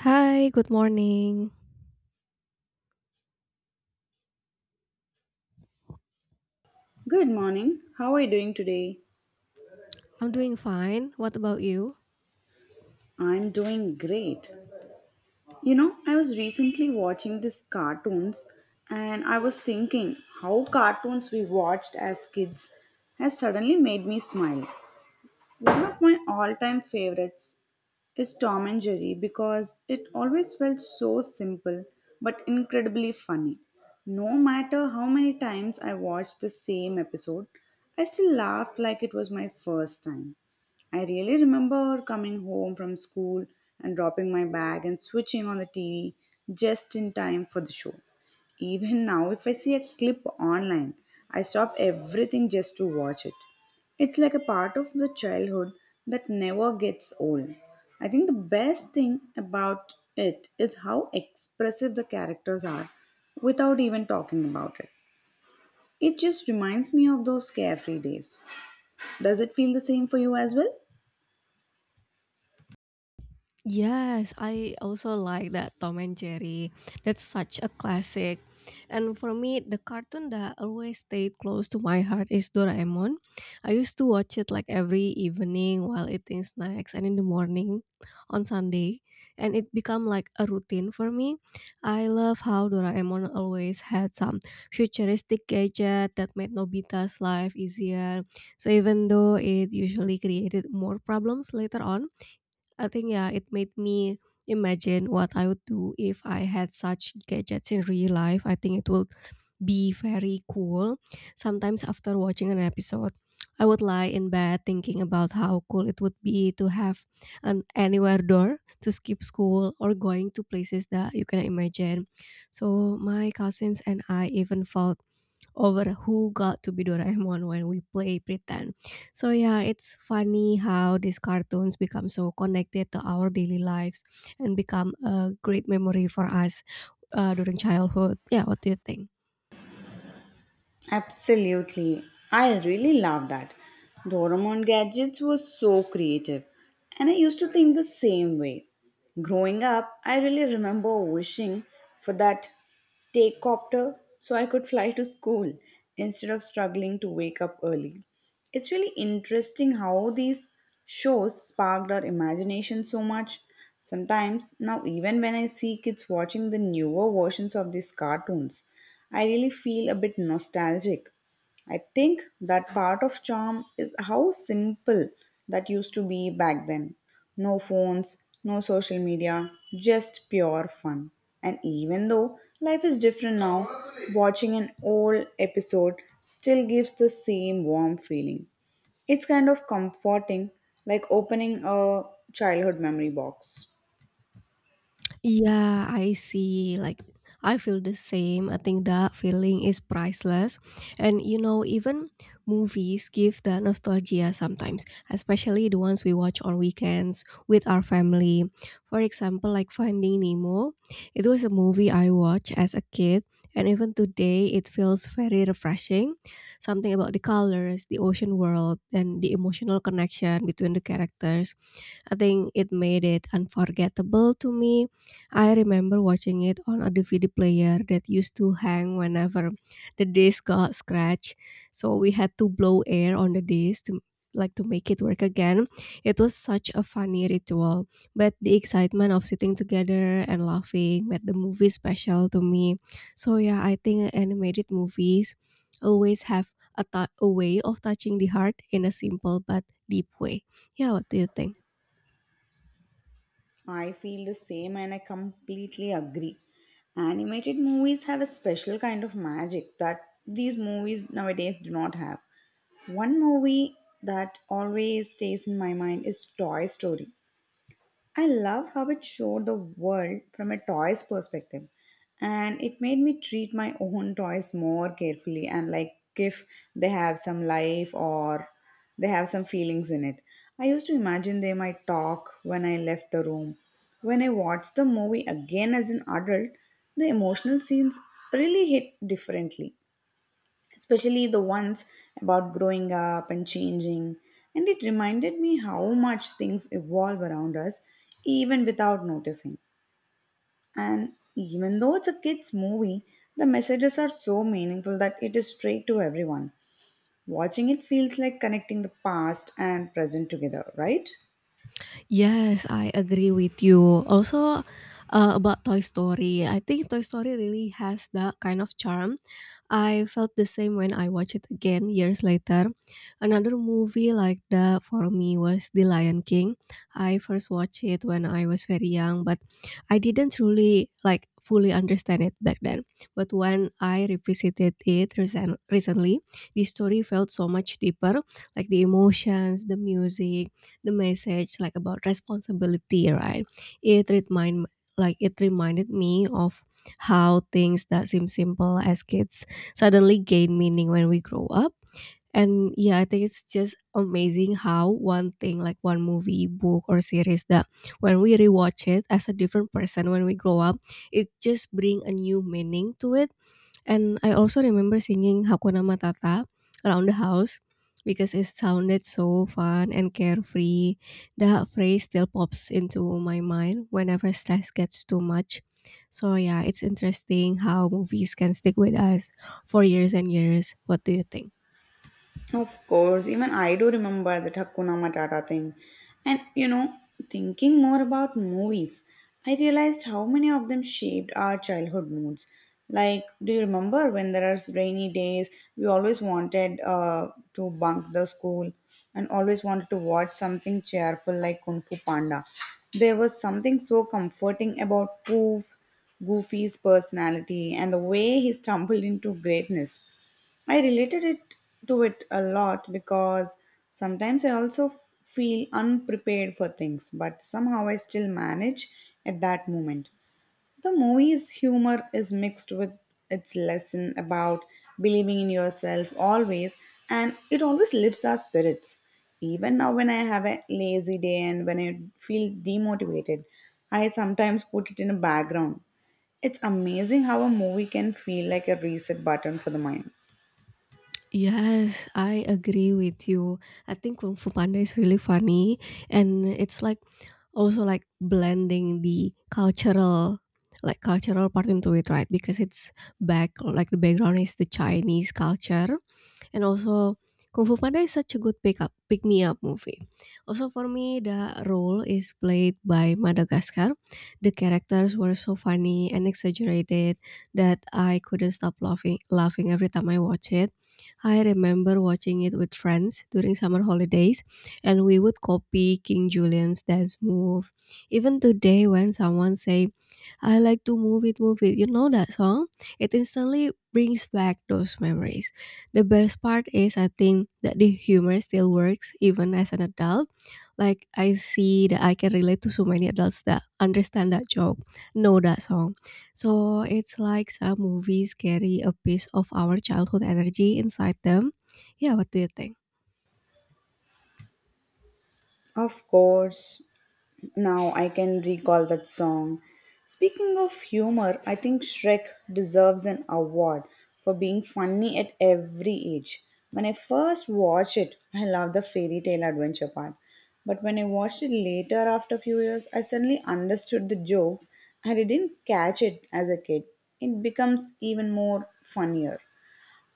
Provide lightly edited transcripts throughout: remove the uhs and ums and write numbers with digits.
Hi, good morning. Good morning. How are you doing today? I'm doing fine. What about you? I'm doing great. You know, I was recently watching these cartoons and I was thinking how cartoons we watched as kids has suddenly made me smile. One of my all time favorites is Tom and Jerry because it always felt so simple but incredibly funny. No matter how many times I watched the same episode, I still laughed like it was my first time. I really remember coming home from school and dropping my bag and switching on the TV just in time for the show. Even now, if I see a clip online, I stop everything just to watch it. It's like a part of the childhood that never gets old. I think the best thing about it is how expressive the characters are without even talking about it. It just reminds me of those carefree days. Does it feel the same for you as well? Yes, I also like that Tom and Jerry. That's such a classic. And for me, the cartoon that always stayed close to my heart is Doraemon. I used to watch it like every evening while eating snacks and in the morning on Sunday, and it become like a routine for me. I love how Doraemon always had some futuristic gadget that made Nobita's life easier. So even though it usually created more problems later on, I think yeah, it made me imagine what I would do if I had such gadgets in real life. I think it would be very cool. Sometimes after watching an episode, I would lie in bed thinking about how cool it would be to have an anywhere door to skip school or going to places that you can imagine. So my cousins and I even felt over who got to be Doraemon when we play pretend. So yeah, it's funny how these cartoons become so connected to our daily lives and become a great memory for us during childhood. Yeah, what do you think? Absolutely. I really love that. Doraemon gadgets were so creative, and I used to think the same way. Growing up, I really remember wishing for that take copter so I could fly to school instead of struggling to wake up early. It's really interesting how these shows sparked our imagination so much. Sometimes, now, even when I see kids watching the newer versions of these cartoons, I really feel a bit nostalgic. I think that part of charm is how simple that used to be back then. No phones, no social media, just pure fun. And even though life is different now, watching an old episode still gives the same warm feeling. It's kind of comforting, like opening a childhood memory box. Yeah, I see. Like, I feel the same. I think that feeling is priceless. And you know, even movies give that nostalgia sometimes, especially the ones we watch on weekends with our family. For example, like Finding Nemo. It was a movie I watched as a kid, and even today it feels very refreshing. Something about the colors, the ocean world, and the emotional connection between the characters, I think it made it unforgettable to me. I remember watching it on a DVD player that used to hang whenever the disc got scratched. So we had to blow air on the disc to to make it work again. It was such a funny ritual, but the excitement of sitting together and laughing made the movie special to me. So yeah, I think animated movies always have a way of touching the heart in a simple but deep way. Yeah, what do you think? I feel the same and I completely agree. Animated movies have a special kind of magic that these movies nowadays do not have. One movie that always stays in my mind is Toy Story. I love how it showed the world from a toy's perspective. And it made me treat my own toys more carefully and like if they have some life or they have some feelings in it. I used to imagine they might talk when I left the room. When I watched the movie again as an adult, the emotional scenes really hit differently, especially the ones about growing up and changing. And it reminded me how much things evolve around us, even without noticing. And even though it's a kid's movie, the messages are so meaningful that it is straight to everyone. Watching it feels like connecting the past and present together, right? Yes, I agree with you. Also, about Toy Story, I think Toy Story really has that kind of charm. I felt the same when I watched it again years later. Another movie like that for me was The Lion King. I first watched it when I was very young, but I didn't really like fully understand it back then. But when I revisited it recently, the story felt so much deeper, like the emotions, the music, the message, like about responsibility, right? it remind like it reminded me of how things that seem simple as kids suddenly gain meaning when we grow up. And yeah, I think it's just amazing how one thing, like one movie, book or series, that when we rewatch it as a different person when we grow up, it just bring a new meaning to it. And I also remember singing Hakuna Matata around the house because it sounded so fun and carefree. That phrase still pops into my mind whenever stress gets too much. So, yeah, it's interesting how movies can stick with us for years and years. What do you think? Of course, even I do remember that Hakuna Matata thing. And you know, thinking more about movies, I realized how many of them shaped our childhood moods. Like, do you remember when there are rainy days, we always wanted to bunk the school and always wanted to watch something cheerful like Kung Fu Panda? There was something so comforting about Poof, Goofy's personality and the way he stumbled into greatness. I related it to it a lot because sometimes I also feel unprepared for things, but somehow I still manage at that moment. The movie's humor is mixed with its lesson about believing in yourself always, and it always lifts our spirits. Even now, when I have a lazy day and when I feel demotivated, I sometimes put it in a background. It's amazing how a movie can feel like a reset button for the mind. Yes, I agree with you. I think Kung Fu Panda is really funny and it's like also like blending the cultural, like cultural part into it, right? Because it's back like the background is the chinese culture. And also, Kung Fu Panda is such a good pick me up movie. Also, for me, the role is played by Madagascar. The characters were so funny and exaggerated that I couldn't stop laughing every time I watch it. I remember watching it with friends during summer holidays, and we would copy King Julian's dance move. Even today, when someone say, "I like to move it," you know that song. It instantly brings back those memories. The best part is, I think, that the humor still works even as an adult. Like I see that I can relate to so many adults that understand that joke, know that song. So it's like some movies carry a piece of our childhood energy inside them. Yeah, what do you think? Of course, now I can recall that song. Speaking of humor, I think Shrek deserves an award for being funny at every age. When I first watched it, I loved the fairy tale adventure part. But when I watched it later after a few years, I suddenly understood the jokes and I didn't catch it as a kid. It becomes even more funnier.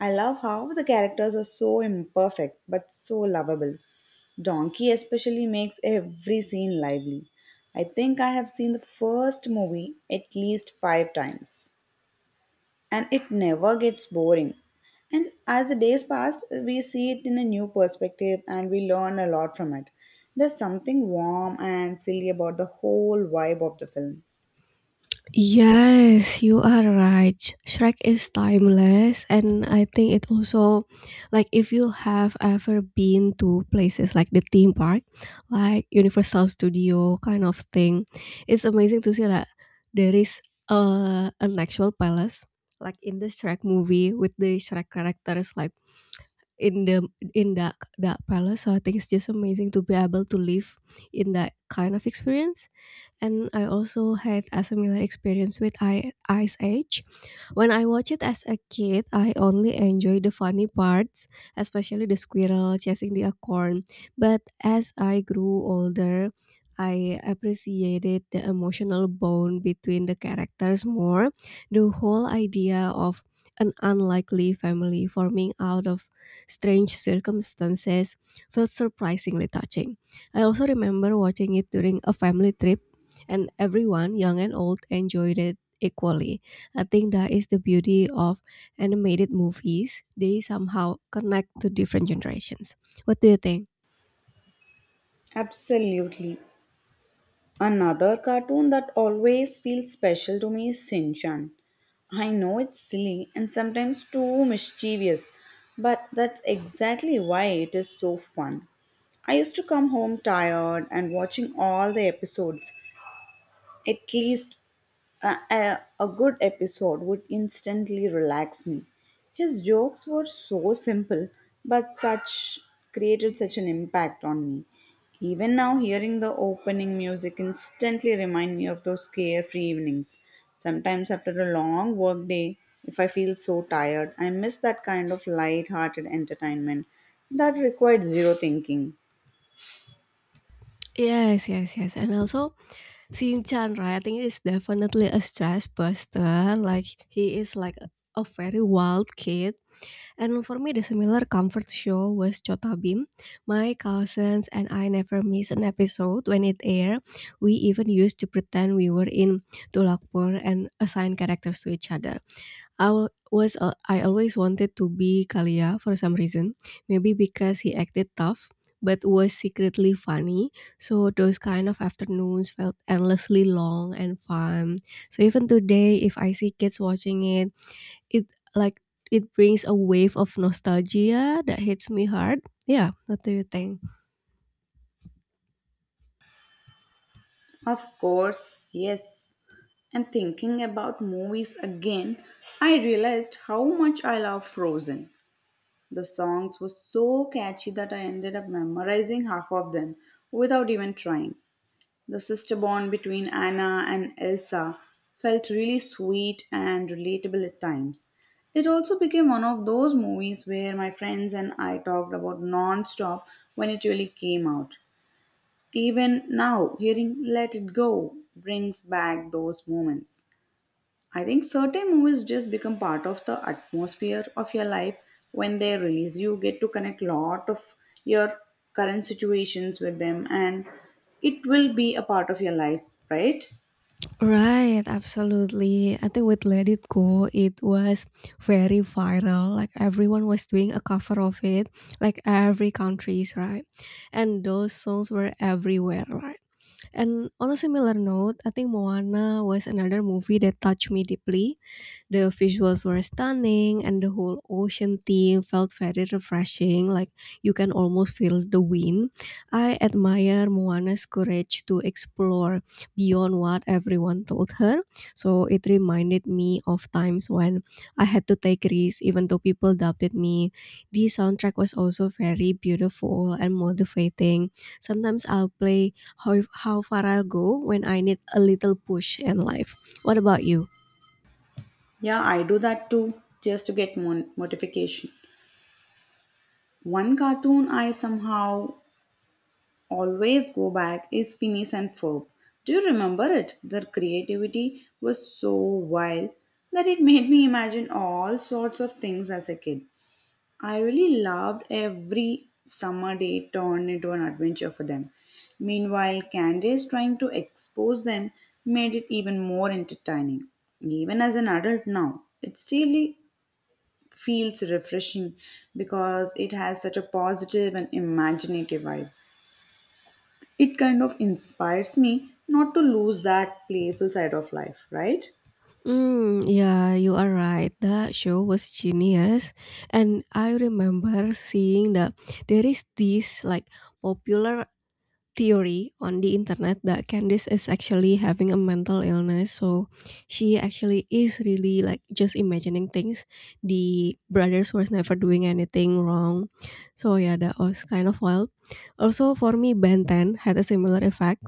I love how the characters are so imperfect but so lovable. Donkey especially makes every scene lively. I think I have seen the first movie at least five times, and it never gets boring. And as the days pass, we see it in a new perspective and we learn a lot from it. There's something warm and silly about the whole vibe of the film. Yes, you are right. Shrek is timeless and I think it also, like if you have ever been to places like the theme park, like Universal Studio kind of thing, it's amazing to see that there is an actual palace like in the Shrek movie with the Shrek characters, like in the in that that palace. So I think it's just amazing to be able to live in that kind of experience. And I also had a similar experience with Ice Age. When I watch it as a kid, I only enjoy the funny parts, especially the squirrel chasing the acorn. But as I grew older, I appreciated the emotional bond between the characters more. The whole idea of an unlikely family forming out of strange circumstances felt surprisingly touching. I also remember watching it during a family trip, and everyone, young and old, enjoyed it equally. I think that is the beauty of animated movies. They somehow connect to different generations. What do you think? Absolutely. Another cartoon that always feels special to me is Shin Chan. I know it's silly and sometimes too mischievous, but that's exactly why it is so fun. I used to come home tired and watching all the episodes at least a good episode would instantly relax me. His jokes were so simple, but such created such an impact on me. Even now, hearing the opening music instantly remind me of those carefree evenings. Sometimes after a long work day, if I feel so tired, I miss that kind of light-hearted entertainment that required zero thinking. Yes, yes, yes. And also, Shinchan, right? I think it is definitely a stress buster. Like, he is like a very wild kid. And for me, the similar comfort show was Chotabim. My cousins and I never miss an episode when it aired. We even used to pretend we were in Tulakpur and assign characters to each other. I wa- was al- I always wanted to be Kalia for some reason, maybe because he acted tough but was secretly funny. So those kind of afternoons felt endlessly long and fun. So even today, if I see kids watching it, it like it brings a wave of nostalgia that hits me hard. Yeah, what do you think? Of course, yes. And thinking about movies again, I realized how much I love Frozen. The songs were so catchy that I ended up memorizing half of them without even trying. The sister bond between Anna and Elsa felt really sweet and relatable at times. It also became one of those movies where my friends and I talked about non-stop when it really came out. Even now, hearing Let It Go brings back those moments. I think certain movies just become part of the atmosphere of your life when they release. You get to connect lot of your current situations with them and it will be a part of your life, right? Right, absolutely. I think with Let It Go, it was very viral. Like everyone was doing a cover of it, like every countries, right? And those songs were everywhere, right? And on a similar note, I think Moana was another movie that touched me deeply. The visuals were stunning, and the whole ocean theme felt very refreshing. Like you can almost feel the wind. I admire Moana's courage to explore beyond what everyone told her. So it reminded me of times when I had to take risks, even though people doubted me. The soundtrack was also very beautiful and motivating. Sometimes I'll play How Far I'll Go when I need a little push in life. What about you? Yeah, I do that too just to get notification. One cartoon I somehow always go back is Phineas and Ferb. Do you remember it? Their creativity was so wild that it made me imagine all sorts of things as a kid. I really loved every summer day turned into an adventure for them. Meanwhile, Candace trying to expose them made it even more entertaining. Even as an adult now, it still feels refreshing because it has such a positive and imaginative vibe. It kind of inspires me not to lose that playful side of life, right? Mm, yeah, you are right. That show was genius. And I remember seeing that there is this, like, popular theory on the internet that Candice is actually having a mental illness. So she actually is really like just imagining things. The brothers was never doing anything wrong. So yeah, that was kind of wild. Also for me, Ben 10 had a similar effect.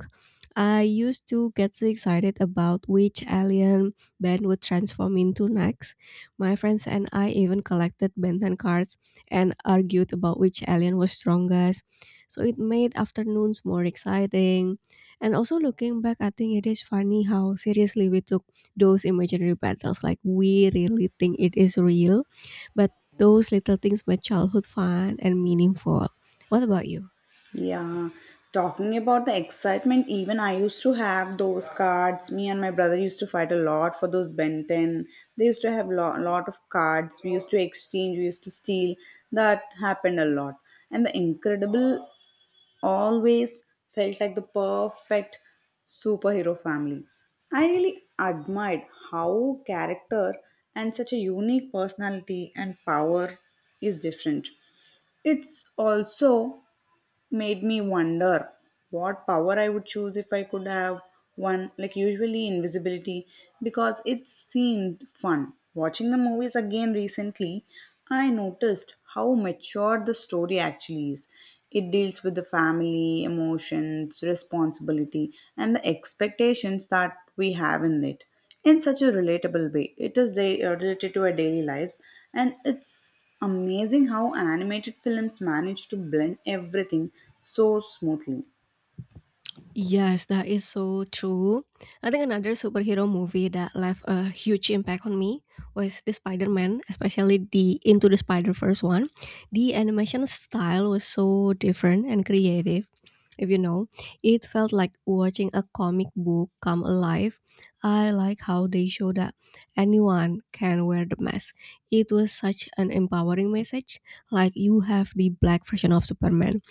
I used to get so excited about which alien Ben would transform into next. My friends and I even collected Ben 10 cards and argued about which alien was strongest, so it made afternoons more exciting. And also looking back, I think it is funny how seriously we took those imaginary battles. Like we really think it is real, but those little things made childhood fun and meaningful. What about you? Yeah, talking about the excitement, even I used to have those cards. Me and my brother used to fight a lot for those Ben 10. They used to have a lot of cards. We used to exchange, we used to steal. That happened a lot. And the Incredible always felt like the perfect superhero family. I really admired how character and such a unique personality and power is different. It's also made me wonder what power I would choose if I could have one, like usually invisibility, because it seemed fun. Watching the movies again recently, I noticed how mature the story actually is. It deals with the family, emotions, responsibility, and the expectations that we have in it in such a relatable way. It is related to our daily lives, and it's amazing how animated films manage to blend everything so smoothly. Yes, that is so true. I think another superhero movie that left a huge impact on me was the Spider-Man, especially the Into the Spider-Verse one. The animation style was so different and creative. If you know, it felt like watching a comic book come alive. I like how they show that anyone can wear the mask. It was such an empowering message, like you have the black version of Superman,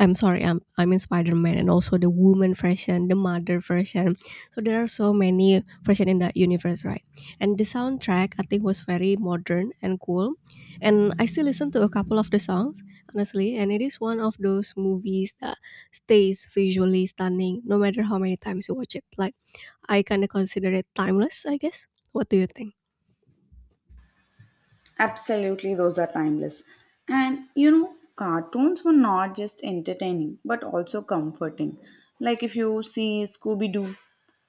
I'm sorry, I'm in Spider-Man, and also the woman version, the mother version. So there are so many version in that universe, right? And the soundtrack I think was very modern and cool. And I still listen to a couple of the songs, honestly, and it is one of those movies that stays visually stunning no matter how many times you watch it. Like I kinda consider it timeless, I guess. What do you think? Absolutely, those are timeless. And you know, cartoons were not just entertaining but also comforting. Like if you see Scooby Doo,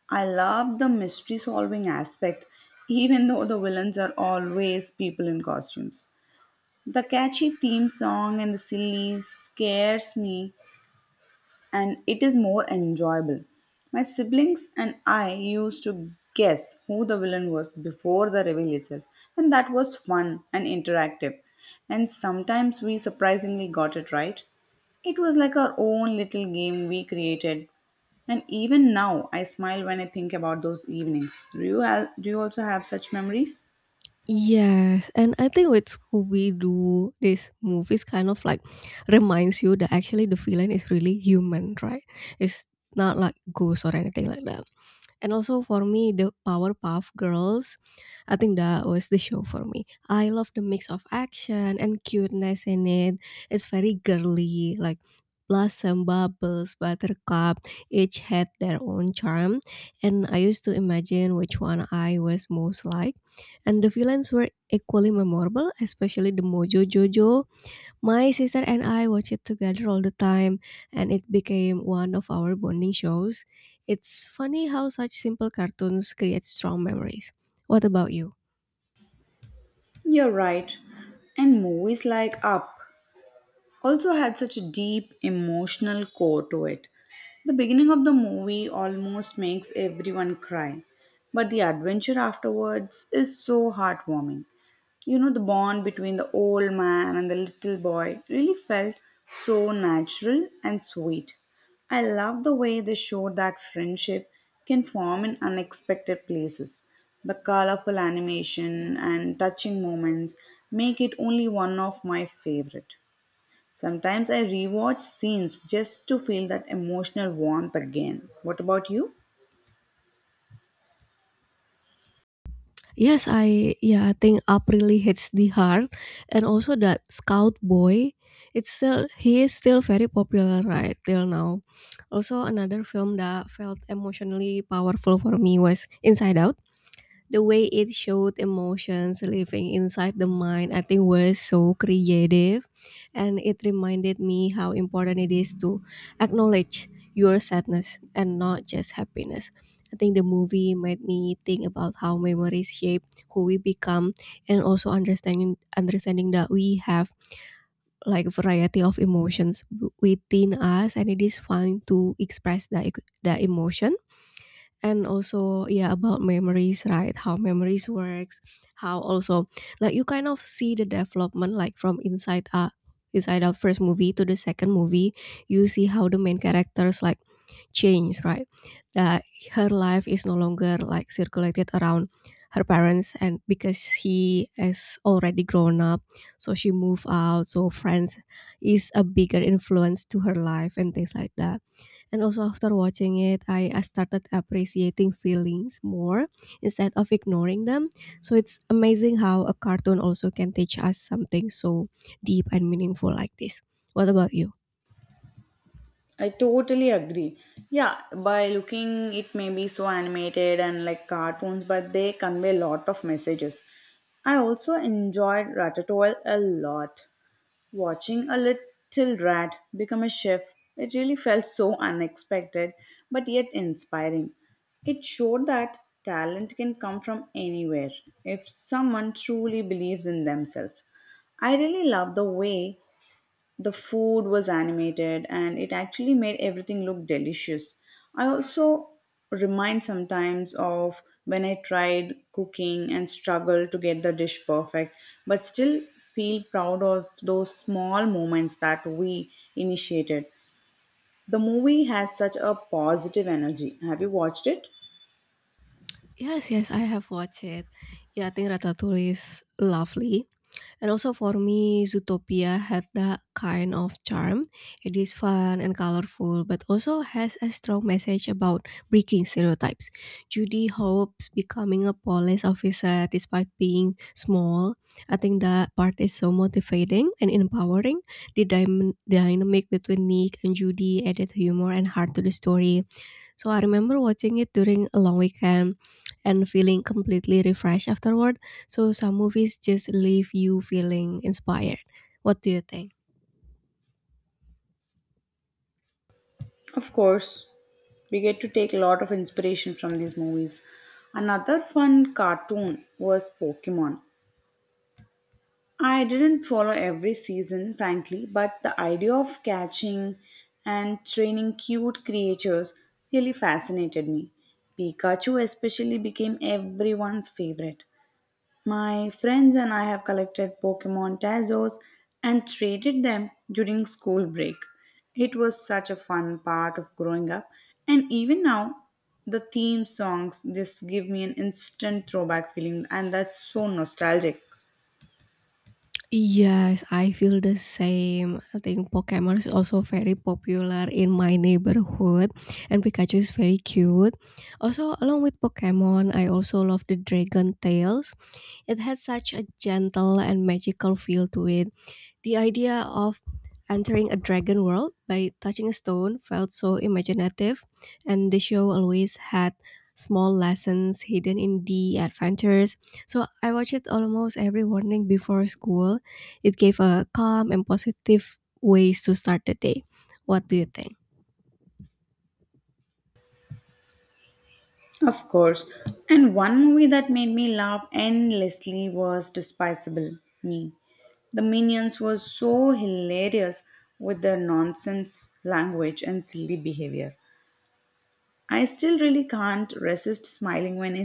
I love the mystery solving aspect, even though the villains are always people in costumes. The catchy theme song and the silly scares me and it is more enjoyable. My siblings and I used to guess who the villain was before the reveal itself, and that was fun and interactive. And sometimes we surprisingly got it right. It was like our own little game we created. And even now, I smile when I think about those evenings. Do you also have such memories? Yes, and I think with Scooby-Doo, this movies kind of like reminds you that actually the villain is really human, right? It's not like ghosts or anything like that. And also for me, the Powerpuff Girls, I think that was the show for me. I love the mix of action and cuteness in it. It's very girly, like Blossom, Bubbles, Buttercup, each had their own charm. And I used to imagine which one I was most like. And the villains were equally memorable, especially the Mojo Jojo. My sister and I watch it together all the time, and it became one of our bonding shows. It's funny how such simple cartoons create strong memories. What about you? You're right. And movies like Up also had such a deep emotional core to it. The beginning of the movie almost makes everyone cry, but the adventure afterwards is so heartwarming. You know, the bond between the old man and the little boy really felt so natural and sweet. I love the way they showed that friendship can form in unexpected places. The colorful animation and touching moments make it only one of my favorite. Sometimes I rewatch scenes just to feel that emotional warmth again. What about you? Yes, I yeah, I think Up really hits the heart, and also that Scout Boy. It's still He is still very popular right till now. Also, another film that felt emotionally powerful for me was Inside Out. The way it showed emotions living inside the mind, I think, was so creative. And it reminded me how important it is to acknowledge your sadness and not just happiness. I think the movie made me think about how memories shape who we become, and also understanding that we have like variety of emotions within us, and it is fine to express that emotion. And also yeah, about memories, right, how memories works, how also, like, you kind of see the development, like from inside out first movie to the second movie, you see how the main characters like change, right? That her life is no longer like circulated around her parents, and because he is already grown up, so she moved out, so friends is a bigger influence to her life and things like that. And also after watching it, I started appreciating feelings more instead of ignoring them. So it's amazing how a cartoon also can teach us something so deep and meaningful like this. What about you? I totally agree. Yeah, by looking, it may be so animated and like cartoons, but they convey a lot of messages. I also enjoyed Ratatouille a lot. Watching a little rat become a chef, it really felt so unexpected but yet inspiring. It showed that talent can come from anywhere if someone truly believes in themselves. I really love the way the food was animated and it actually made everything look delicious. I also remind sometimes of when I tried cooking and struggled to get the dish perfect, but still feel proud of those small moments that we initiated. The movie has such a positive energy. Have you watched it? Yes, yes, I have watched it. Yeah, I think Ratatouille is lovely. And also for me, Zootopia had that kind of charm. It is fun and colorful, but also has a strong message about breaking stereotypes. Judy hopes becoming a police officer despite being small. I think that part is so motivating and empowering. The dynamic between Nick and Judy added humor and heart to the story, so I remember watching it during a long weekend and feeling completely refreshed afterward. So some movies just leave you feeling inspired. What do you think? Of course, we get to take a lot of inspiration from these movies. Another fun cartoon was Pokemon. I didn't follow every season, frankly, but the idea of catching and training cute creatures really fascinated me. Pikachu, especially, became everyone's favorite. My friends and I have collected Pokemon Tazos and traded them during school break. It was such a fun part of growing up, and even now, the theme songs just give me an instant throwback feeling, and that's so nostalgic. Yes, I feel the same. I think Pokemon is also very popular in my neighborhood and Pikachu is very cute. Also, along with Pokemon, I also love the Dragon Tales. It had such a gentle and magical feel to it. The idea of entering a dragon world by touching a stone felt so imaginative, and the show always had small lessons hidden in the adventures. So I watched it almost every morning before school. It gave a calm and positive ways to start the day. What do you think? Of course. And one movie that made me laugh endlessly was Despicable Me. The Minions were so hilarious with their nonsense language and silly behavior. I still really can't resist smiling when I